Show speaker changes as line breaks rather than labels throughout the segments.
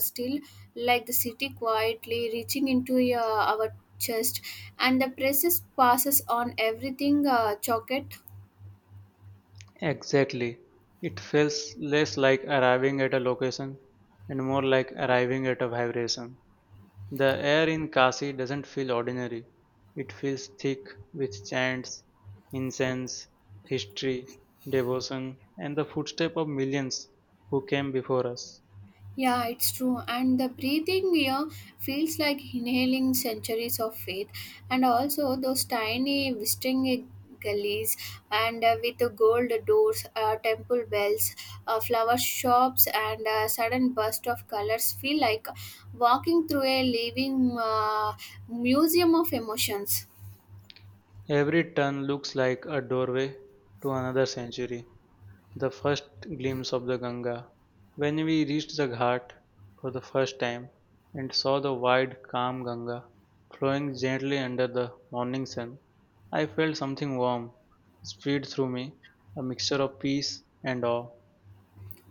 Still like the city quietly reaching into our chest, and the presses passes on everything chocolate.
Exactly. It feels less like arriving at a location and more like arriving at a vibration. The air in Kashi doesn't feel ordinary. It feels thick with chants, incense, history, devotion, and the footsteps of millions who came before us.
Yeah, it's true, and the breathing here feels like inhaling centuries of faith, and also those tiny whistling gullies, and with the gold doors, temple bells, flower shops, and a sudden burst of colors feel like walking through a living museum of emotions.
Every turn looks like a doorway to another century. The first glimpse of the Ganga. When we reached the ghat for the first time and saw the wide, calm Ganga flowing gently under the morning sun, I felt something warm spread through me, a mixture of peace and awe.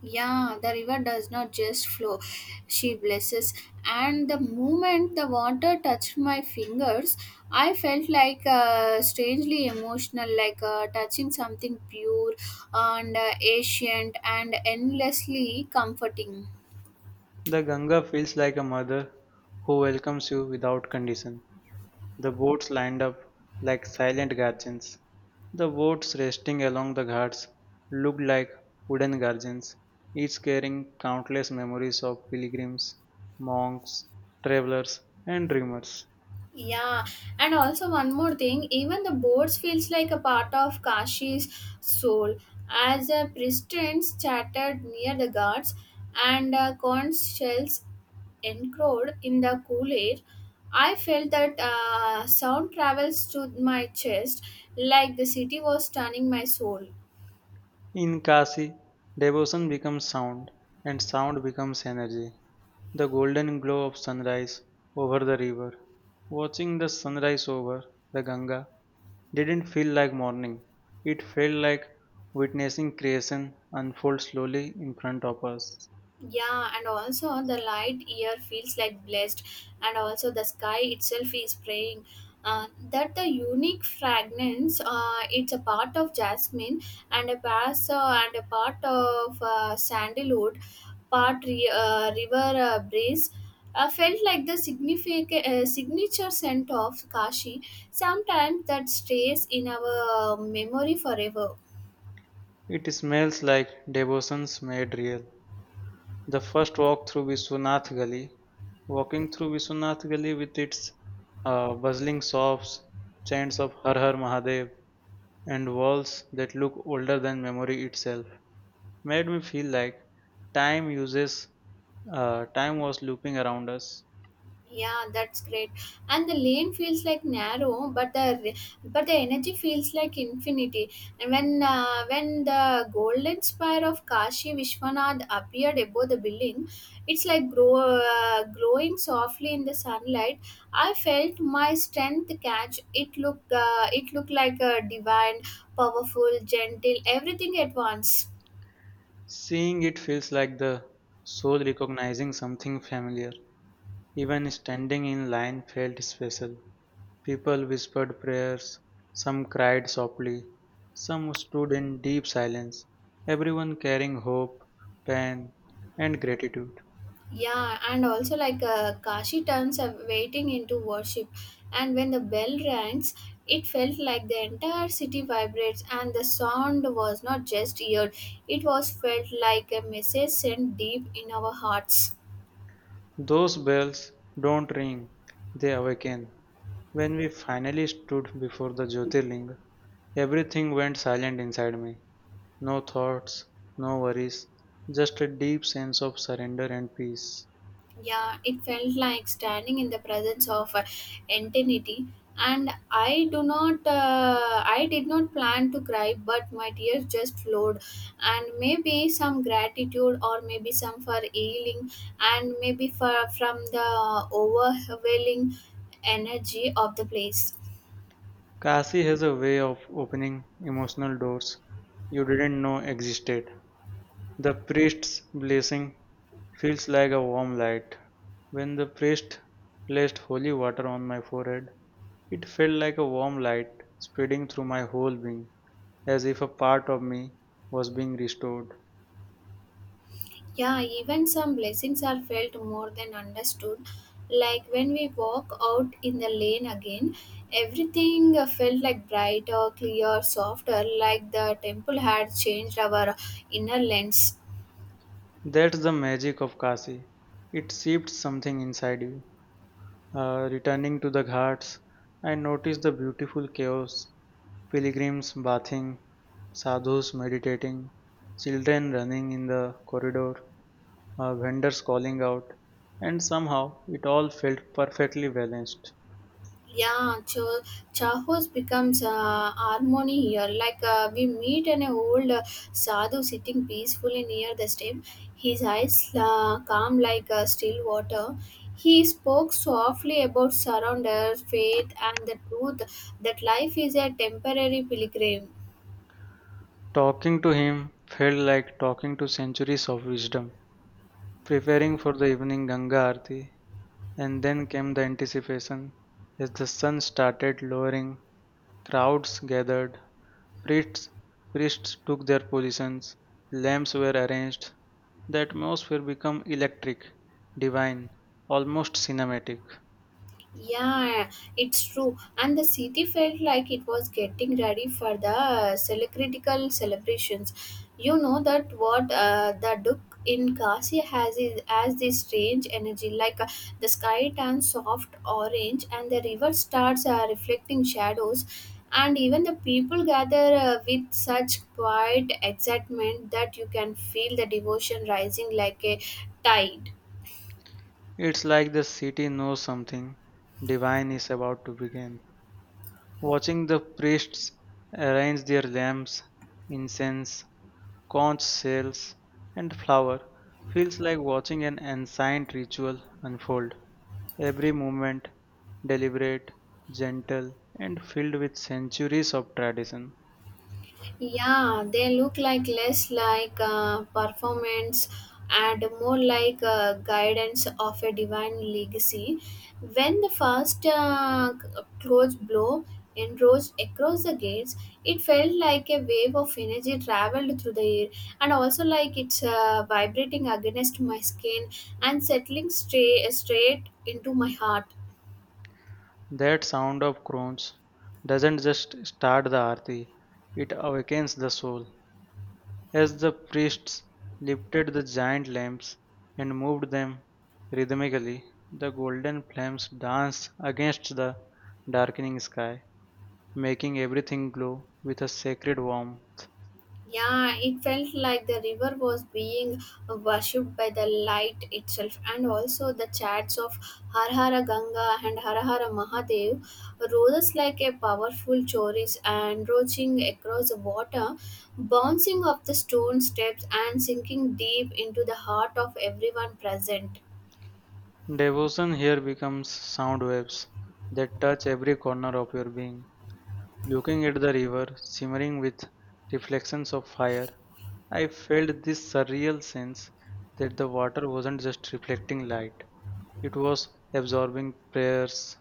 Yeah, the river does not just flow, she blesses. And the moment the water touched my fingers, I felt like strangely emotional, like touching something pure and ancient and endlessly comforting.
The Ganga feels like a mother who welcomes you without condition. The boats lined up like silent guardians. The boats resting along the ghats looked like wooden guardians, each carrying countless memories of pilgrims, monks, travelers, and dreamers.
Yeah, and also one more thing, even the boards feels like a part of Kashi's soul. As the priestess chattered near the guards and corn shells encroached in the cool air, I felt that sound travels to my chest like the city was turning my soul.
In Kashi, devotion becomes sound, and sound becomes energy. The golden glow of sunrise over the river. Watching the sunrise over the Ganga didn't feel like morning. It felt like witnessing creation unfold slowly in front of us.
Yeah, and also the light year feels like blessed, and also the sky itself is praying. That the unique fragrance, it's a part of jasmine and a bass and a part of sandalwood, part river breeze. Felt like the significant signature scent of Kashi. Sometimes that stays in our memory forever.
It smells like devotions made real. The first walk through Vishwanath Gully, walking through Vishwanath Gully with its bustling shops, chants of Har Har Mahadev, and walls that look older than memory itself, made me feel like time uses time was looping around us.
Yeah, that's great. And the lane feels like narrow, but the energy feels like infinity. And when the golden spire of Kashi Vishwanath appeared above the building, it's like glowing softly in the sunlight. I felt my strength catch. It looked it looked like a divine, powerful, gentle, everything at once.
Seeing it feels like the soul recognizing something familiar. Even standing in line felt special. People whispered prayers, some cried softly, some stood in deep silence, everyone carrying hope, pain, and gratitude.
Yeah, and also like Kashi turns up waiting into worship, and when the bell rings, it felt like the entire city vibrates, and the sound was not just heard; it was felt like a message sent deep in our hearts.
Those bells don't ring, they awaken. When we finally stood before the Jyotirlinga, everything went silent inside me. No thoughts, no worries, just a deep sense of surrender and peace.
Yeah, it felt like standing in the presence of eternity. And I did not plan to cry, but my tears just flowed, and maybe some gratitude, or maybe some for healing, and maybe for from the overwhelming energy of the place.
Kasi has a way of opening emotional doors you didn't know existed. The priest's blessing feels like a warm light. When the priest placed holy water on my forehead, it felt like a warm light spreading through my whole being, as if a part of me was being restored.
Yeah, even some blessings are felt more than understood. Like when we walk out in the lane again, everything felt like brighter, clear, softer, like the temple had changed our inner lens.
That's the magic of Kasi. It shifts something inside you. Returning to the ghats, I noticed the beautiful chaos pilgrims bathing, sadhus meditating, children running in the corridor, vendors calling out, and somehow it all felt perfectly balanced.
Yeah, Chahos becomes harmony here. Like we meet an old sadhu sitting peacefully near the stream, his eyes calm like still water. He spoke softly about surrender, faith, and the truth that life is a temporary pilgrim.
Talking to him felt like talking to centuries of wisdom. Preparing for the evening Ganga Aarti, and then came the anticipation. As the sun started lowering, crowds gathered, Priests, priests took their positions, lamps were arranged, the atmosphere became electric, divine, almost cinematic.
Yeah, it's true. And the city felt like it was getting ready for the celebritical celebrations. You know that what the Duke in Kasi has is as this strange energy, like the sky turns soft orange and the river starts reflecting shadows. And even the people gather with such quiet excitement that you can feel the devotion rising like a tide.
It's like the city knows something divine is about to begin. Watching the priests arrange their lamps, incense, conch shells, and flower feels like watching an ancient ritual unfold. Every movement deliberate, gentle, and filled with centuries of tradition.
Yeah, they look like less like performance and more like guidance of a divine legacy. When the first close blow enrolled across the gates, it felt like a wave of energy traveled through the air and also like it's vibrating against my skin and settling straight into my heart.
That sound of crones doesn't just start the aarti, it awakens the soul. As the priests lifted the giant lamps and moved them rhythmically, the golden flames danced against the darkening sky, making everything glow with a sacred warmth.
Yeah, it felt like the river was being worshipped by the light itself, and also the chants of Har Hara Ganga and Har Hara Mahadev rose like a powerful chorus and roaching across the water, bouncing off the stone steps and sinking deep into the heart of everyone present.
Devotion here becomes sound waves that touch every corner of your being. Looking at the river simmering with reflections of fire, I felt this surreal sense that the water wasn't just reflecting light, it was absorbing prayers,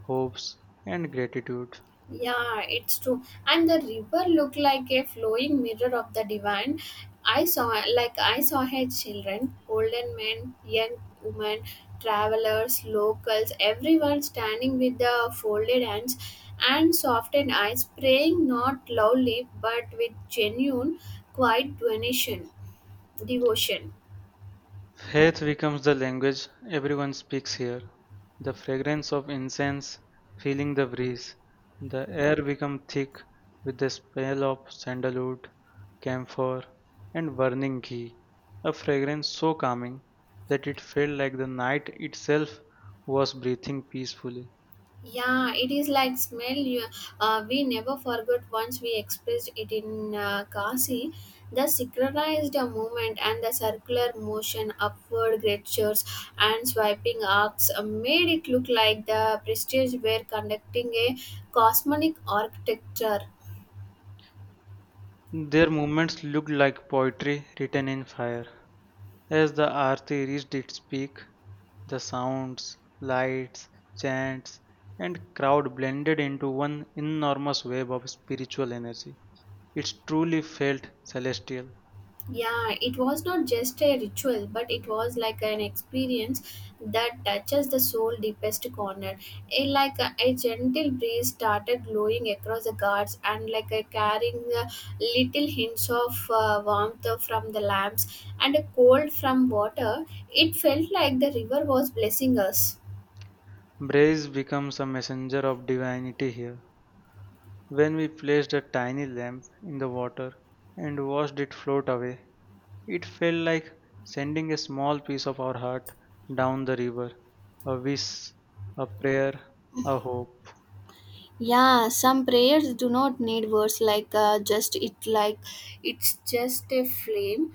hopes, and gratitude.
Yeah, it's true. And the river looked like a flowing mirror of the divine. I saw I saw her children, golden men, young women, travelers, locals, everyone standing with the folded hands and softened eyes, praying not loudly but with genuine, quiet donation, devotion.
Faith becomes the language everyone speaks here. The fragrance of incense feeling the breeze, the air becomes thick with the smell of sandalwood, camphor, and burning ghee, a fragrance so calming that it felt like the night itself was breathing peacefully.
Yeah, it is like smell. We never forgot once we expressed it in Kasi. The synchronized movement and the circular motion, upward gestures, and swiping arcs made it look like the prestige were conducting a cosmic architecture.
Their movements looked like poetry written in fire. As the aarti reached its peak, the sounds, lights, chants, and crowd blended into one enormous wave of spiritual energy. It truly felt celestial.
Yeah, it was not just a ritual, but it was like an experience that touches the soul deepest corner. A gentle breeze started blowing across the guards, and like a carrying little hints of warmth from the lamps and a cold from water, it felt like the river was blessing us.
Braise becomes a messenger of divinity here. When we placed a tiny lamp in the water and watched it float away, it felt like sending a small piece of our heart down the river, a wish, a prayer, a hope.
Yeah, some prayers do not need words like just it like it's just a flame.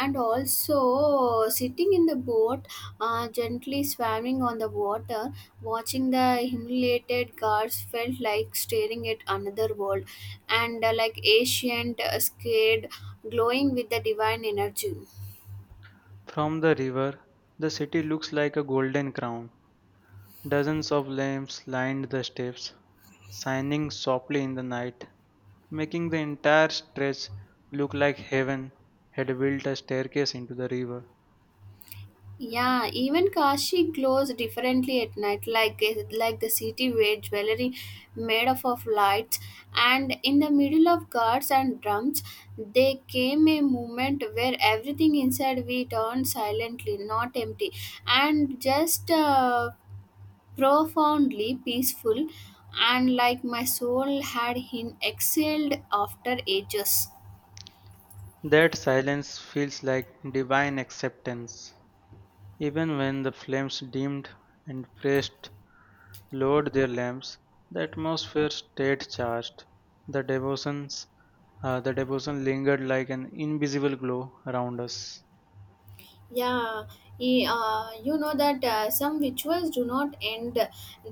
And also sitting in the boat, gently swimming on the water, watching the humiliated guards felt like staring at another world and like ancient, scared, glowing with the divine energy.
From the river, the city looks like a golden crown. Dozens of lamps lined the steps, shining softly in the night, making the entire stretch look like heaven had built a staircase into the river.
Yeah, even Kashi glows differently at night, like the city wear jewelry made up of lights. And in the middle of guards and drums, there came a moment where everything inside we turned silently, not empty, and just profoundly peaceful, and like my soul had been exhaled after ages.
That silence feels like divine acceptance. Even when the flames dimmed and pressed lowered their lamps. The atmosphere stayed charged. The devotions, the devotion lingered like an invisible glow around us.
Yeah, you know that some rituals do not end,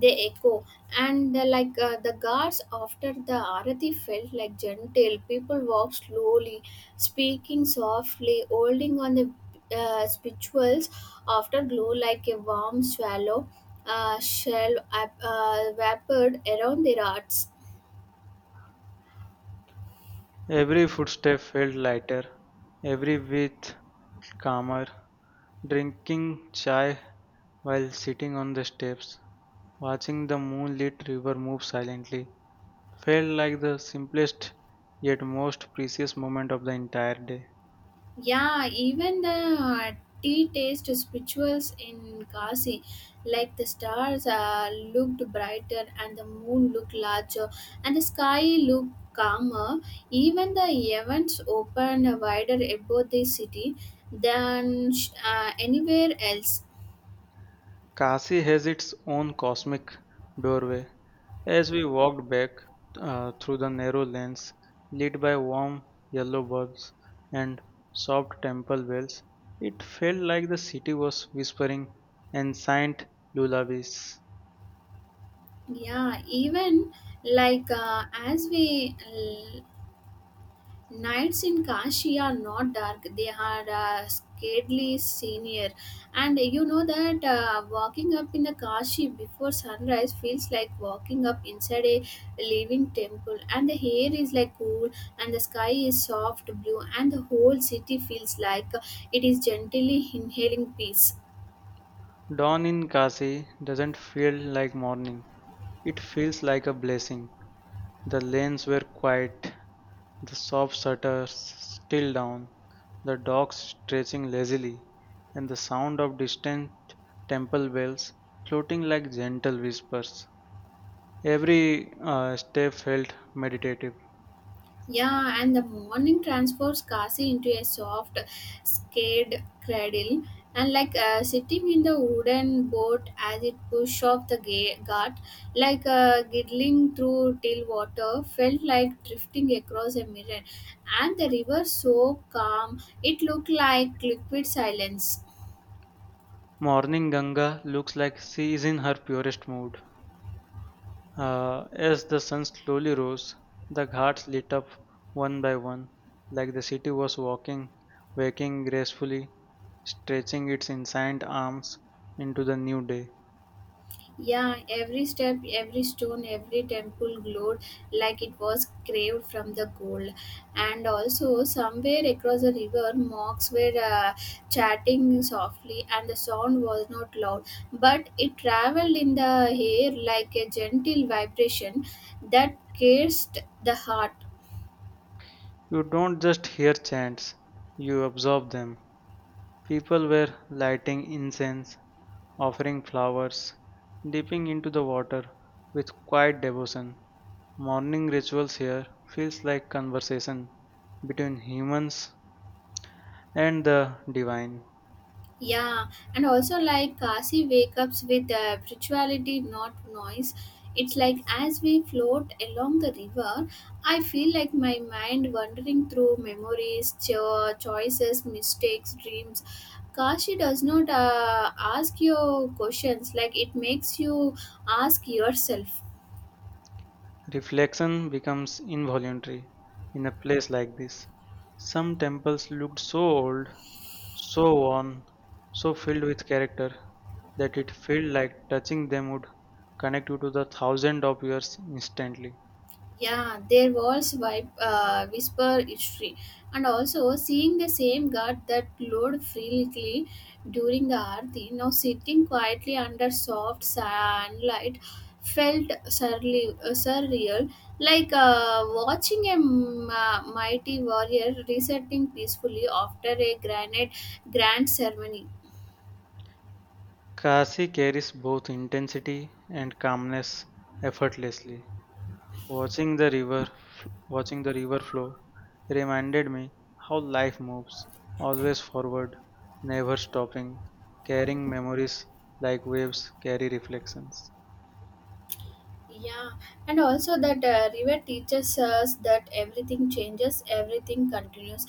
they echo. And like the guards after the arati felt like gentle, people walk slowly, speaking softly, holding on the spirituals after glow like a warm swallow shell wrapped around their hearts.
Every footstep felt lighter, every breath calmer. Drinking chai while sitting on the steps, watching the moonlit river move silently, felt like the simplest yet most precious moment of the entire day.
Yeah, even the tea taste rituals in Kasi, like the stars looked brighter and the moon looked larger and the sky looked calmer. Even the heavens opened wider above the city than anywhere else.
Kashi has its own cosmic doorway. As we walked back through the narrow lanes lit by warm yellow bulbs and soft temple bells, it felt like the city was whispering ancient lullabies.
Yeah, even like as we Nights in Kashi are not dark, they are scarcely senior. And you know that walking up in the Kashi before sunrise feels like walking up inside a living temple. And the air is like cool, and the sky is soft blue, and the whole city feels like it is gently inhaling peace.
Dawn in Kashi doesn't feel like morning, it feels like a blessing. The lanes were quiet, the soft shutters still down, the dogs stretching lazily, and the sound of distant temple bells floating like gentle whispers. Every step felt meditative.
Yeah, and the morning transforms Kasi into a soft, scared cradle, and like sitting in the wooden boat as it pushed off the gut, like giggling through till water, felt like drifting across a mirror. And the river so calm, it looked like liquid silence.
Morning Ganga looks like she is in her purest mood. As the sun slowly rose, the ghats lit up one by one, like the city was walking, waking gracefully, stretching its ancient arms into the new day.
Yeah, every step, every stone, every temple glowed like it was craved from the gold. And also, somewhere across the river, monks were chatting softly, and the sound was not loud, but it traveled in the air like a gentle vibration that pierced the heart.
You don't just hear chants, you absorb them. People were lighting incense, offering flowers, dipping into the water with quiet devotion. Morning rituals here feels like conversation between humans and the divine.
Yeah, and also like Kasi wake ups with spirituality, not noise. It's like as we float along the river, I feel like my mind wandering through memories, choices, mistakes, dreams. Kashi does not ask you questions, like it makes you ask yourself.
Reflection becomes involuntary in a place like this. Some temples looked so old, so worn, so filled with character that it felt like touching them would connect you to the thousand of years instantly.
Yeah, their walls whisper history. And also, seeing the same god that glowed freely during the arti, now sitting quietly under soft sunlight, felt surreal, like watching a mighty warrior resetting peacefully after a granite grand ceremony.
Kasi carries both intensity and calmness effortlessly. Watching the river, Watching the river flow reminded me how life moves, always forward, never stopping, carrying memories like waves carry reflections.
Yeah, and also that river teaches us that everything changes, everything continues,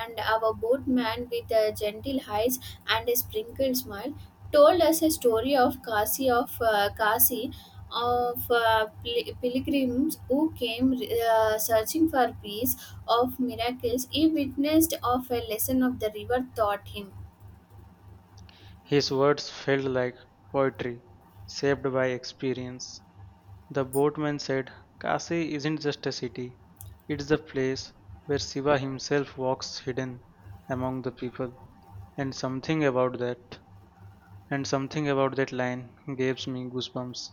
and our boatman with a gentle eyes and a sprinkled smile told us a story of Kasi, of pilgrims who came searching for peace, of miracles he witnessed, of a lesson of the river taught him.
His words felt like poetry, shaped by experience. The boatman said, Kasi isn't just a city, it's the place where Shiva himself walks hidden among the people. And something about that, and something about that line gives me goosebumps.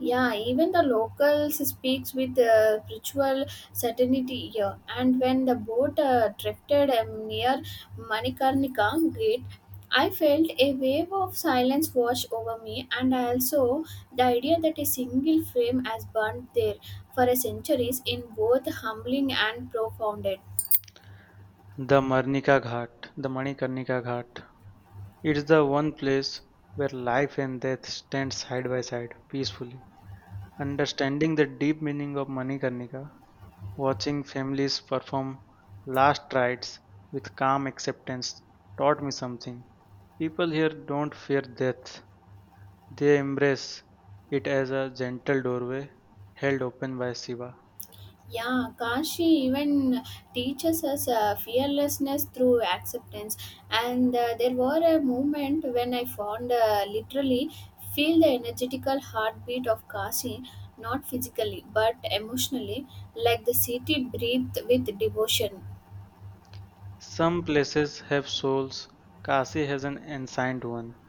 Yeah, even the locals speaks with ritual certainty here. And when the boat drifted near Manikarnika gate, I felt a wave of silence wash over me, and also the idea that a single flame has burned there for a centuries in both humbling and profound.
The Manikarnika Ghat. It's the one place where life and death stand side by side peacefully. Understanding the deep meaning of Manikarnika, watching families perform last rites with calm acceptance taught me something. People here don't fear death. They embrace it as a gentle doorway held open by Shiva.
Yeah, Kashi even teaches us fearlessness through acceptance. And there were a moment when I found literally feel the energetical heartbeat of Kashi, not physically but emotionally, like the city breathed with devotion.
Some places have souls. Kashi has an ancient one.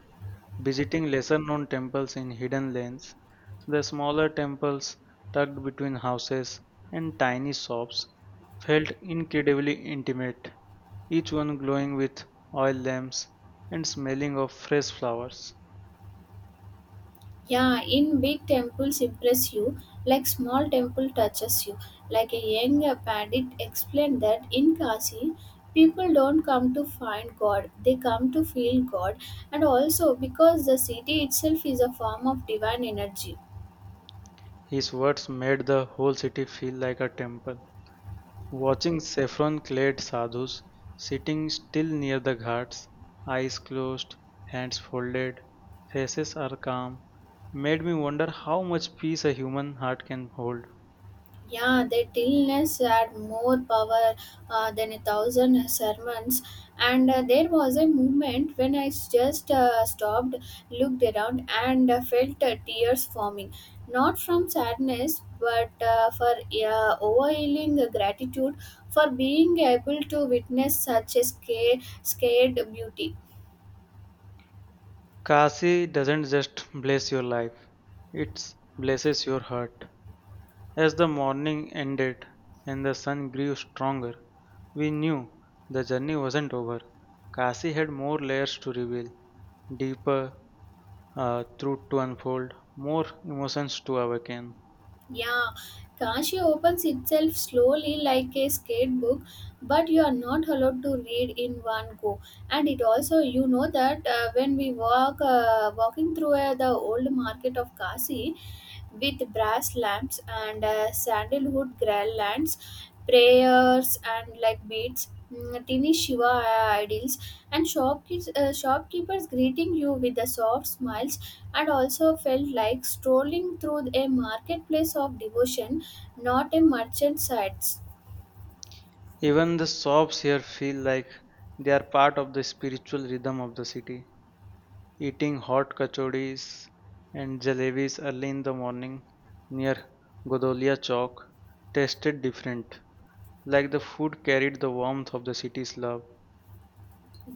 Visiting lesser-known temples in hidden lanes, the smaller temples tucked between houses and tiny shops felt incredibly intimate, each one glowing with oil lamps and smelling of fresh flowers.
Yeah, in big temples impress you, like small temple touches you. Like a young pandit explained that in Kashi, people don't come to find God, they come to feel God, and also because the city itself is a form of divine energy.
His words made the whole city feel like a temple. Watching saffron clad sadhus sitting still near the ghats, eyes closed, hands folded, faces are calm, made me wonder how much peace a human heart can hold.
Yeah, that illness had more power than a thousand sermons. And there was a moment when I just stopped, looked around, and felt tears forming. Not from sadness, but for overwhelming gratitude for being able to witness such a scared beauty.
Kasi doesn't just bless your life, it blesses your heart. As the morning ended and the sun grew stronger, we knew the journey wasn't over. Kasi had more layers to reveal, deeper, truth to unfold, more emotions to awaken.
Yeah, Kashi opens itself slowly like a skate book, but you are not allowed to read in one go. And it also, you know that walking through the old market of Kashi, with brass lamps and sandalwood garlands, prayers and like beads, tiny Shiva idols, and shopkeepers greeting you with the soft smiles, and also felt like strolling through a marketplace of devotion, not a merchant sites.
Even the sobs here feel like they are part of the spiritual rhythm of the city. Eating hot kachoris and jalebis early in the morning near Godolia Chowk tasted different, like the food carried the warmth of the city's love.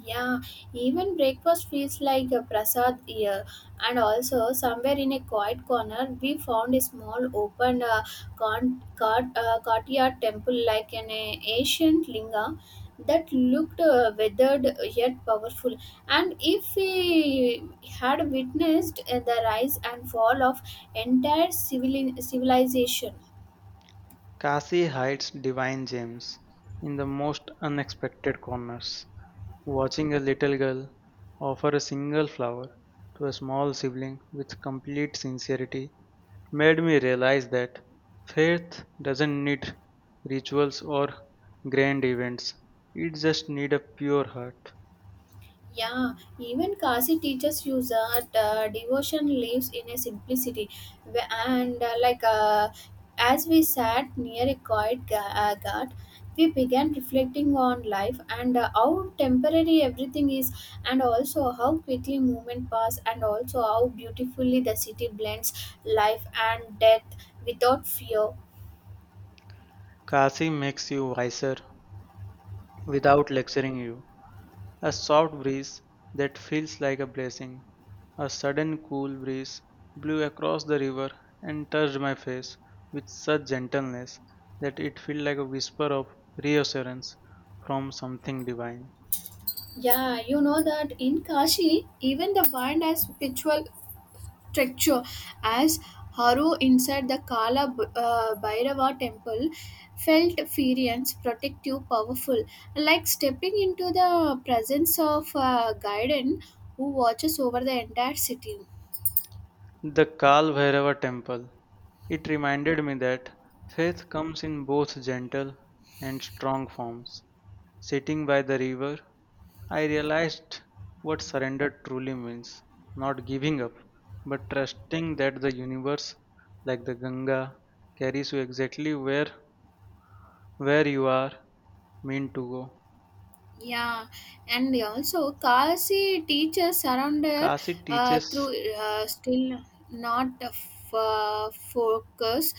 Yeah, even breakfast feels like a prasad here. And also, somewhere in a quiet corner, we found a small open courtyard temple like an ancient linga that looked weathered yet powerful. And if we had witnessed the rise and fall of entire civilization.
Kasi hides divine gems in the most unexpected corners. Watching a little girl offer a single flower to a small sibling with complete sincerity made me realize that faith doesn't need rituals or grand events. It just needs a pure heart.
Yeah, even Kasi teaches you that devotion lives in a simplicity. Wh- And like as we sat near a quiet ghat, we began reflecting on life and how temporary everything is, and also how quickly movement pass, and also how beautifully the city blends life and death without fear.
Kasi makes you wiser without lecturing you. A soft breeze that feels like a blessing. A sudden cool breeze blew across the river and touched my face with such gentleness that it felt like a whisper of reassurance from something divine.
Yeah, you know that in Kashi, even the wind has spiritual structure as Haru inside the Kala Bhairava temple felt furious, protective, powerful, like stepping into the presence of a guardian who watches over the entire city.
The Kal Bhairava temple. It reminded me that faith comes in both gentle and strong forms. Sitting by the river, I realized what surrender truly means not giving up, but trusting that the universe, like the Ganga, carries you exactly where you are meant to go.
Yeah, and also Kasi teaches surrender
Kasi teaches
through still not focus.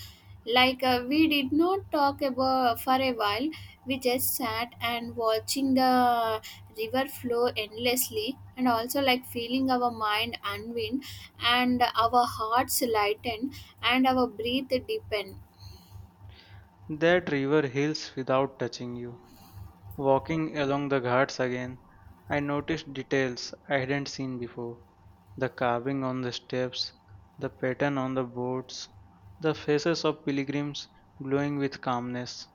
Like we did not talk about for a while. We just sat and watching the river flow endlessly, and also like feeling our mind unwind and our hearts lighten and our breath deepen.
that river heals without touching you. Walking along the ghats again, I noticed details I hadn't seen before the carving on the steps, the pattern on the boards, the faces of pilgrims glowing with calmness.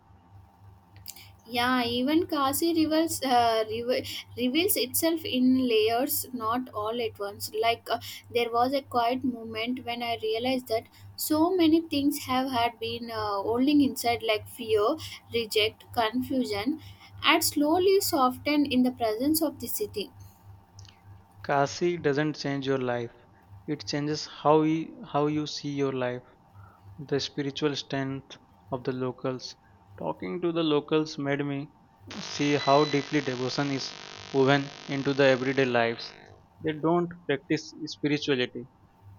Yeah, even Kasi reveals itself in layers, not all at once. Like there was a quiet moment when I realized that so many things have had been holding inside, like fear, reject, confusion, and slowly softened in the presence of the city.
Kasi doesn't change your life, it changes how you see your life. The spiritual strength of the locals. Talking to the locals made me see how deeply devotion is woven into the everyday lives. They don't practice spirituality.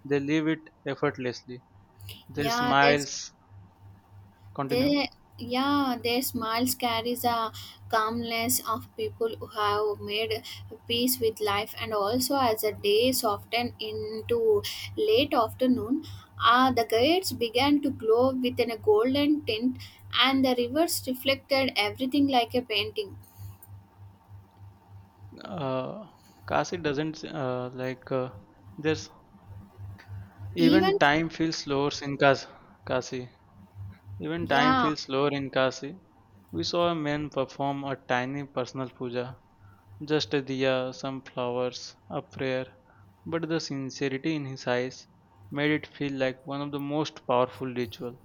They leave it effortlessly. Their
Yeah,
smiles continue.
They, yeah, their smiles carries a calmness of people who have made peace with life, and also as the day softened into late afternoon, the gates began to glow within a golden tint, and the rivers reflected everything like a painting.
Uh, Kasi doesn't like there's even
Even,
time feels slower in Kas- Kasi. Even time
yeah,
feels slower in Kasi. We saw a man perform a tiny personal puja, just a diya, some flowers, a prayer, but the sincerity in his eyes made it feel like one of the most powerful ritual.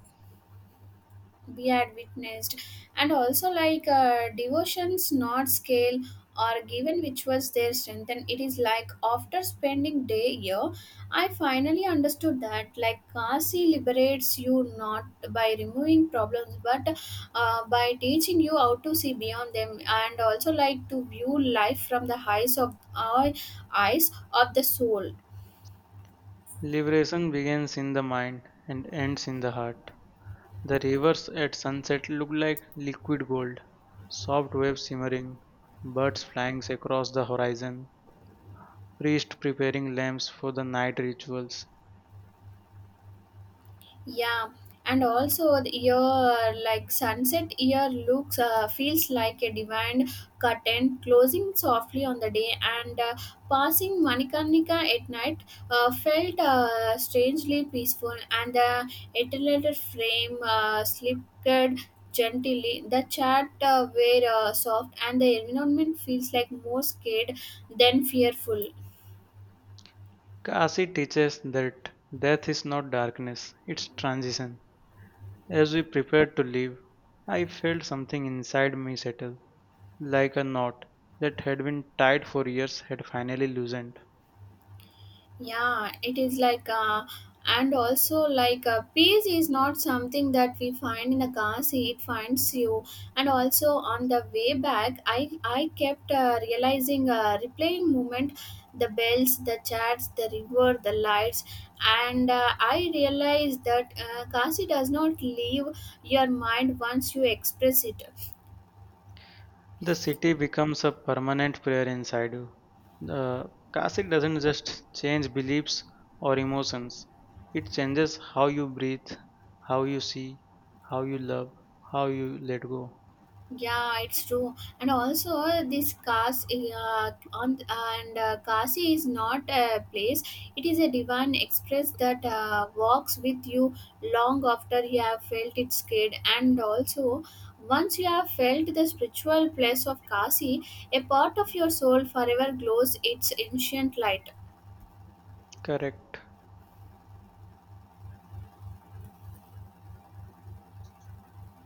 we had witnessed. And also, like devotions not scale or given, which was their strength. And it is like after spending day here, I finally understood that like Kasi liberates you not by removing problems but by teaching you how to see beyond them, and also like to view life from the eyes of the soul.
Liberation begins in the mind and ends in the heart. The rivers at sunset look like liquid gold, soft waves shimmering, birds flying across the horizon, priests preparing lamps for the night rituals.
Yeah, and also your like sunset year looks feels like a divine curtain closing softly on the day, and passing Manikarnika at night felt strangely peaceful, and the eternal frame slipped gently. The chat were soft, and the environment feels like more scared than fearful.
Kasi teaches that death is not darkness, it's transition. As we prepared to leave, I felt something inside me settle, like a knot that had been tied for years had finally loosened.
Yeah, it is like and also like peace is not something that we find in the car seat. It finds you. And also, on the way back, I kept realizing replaying moment, the bells, the chats, the river, the lights. And I realized that kasi does not leave your mind once you express it.
The city becomes a permanent prayer inside you. The Kasik doesn't just change beliefs or emotions, it changes how you breathe, how you see, how you love, how you let go.
Yeah, it's true. And also, this Kas on and Kasi is not a place. It is a divine express that walks with you long after you have felt its kid. And also, once you have felt the spiritual place of Kasi, a part of your soul forever glows its ancient light.
Correct.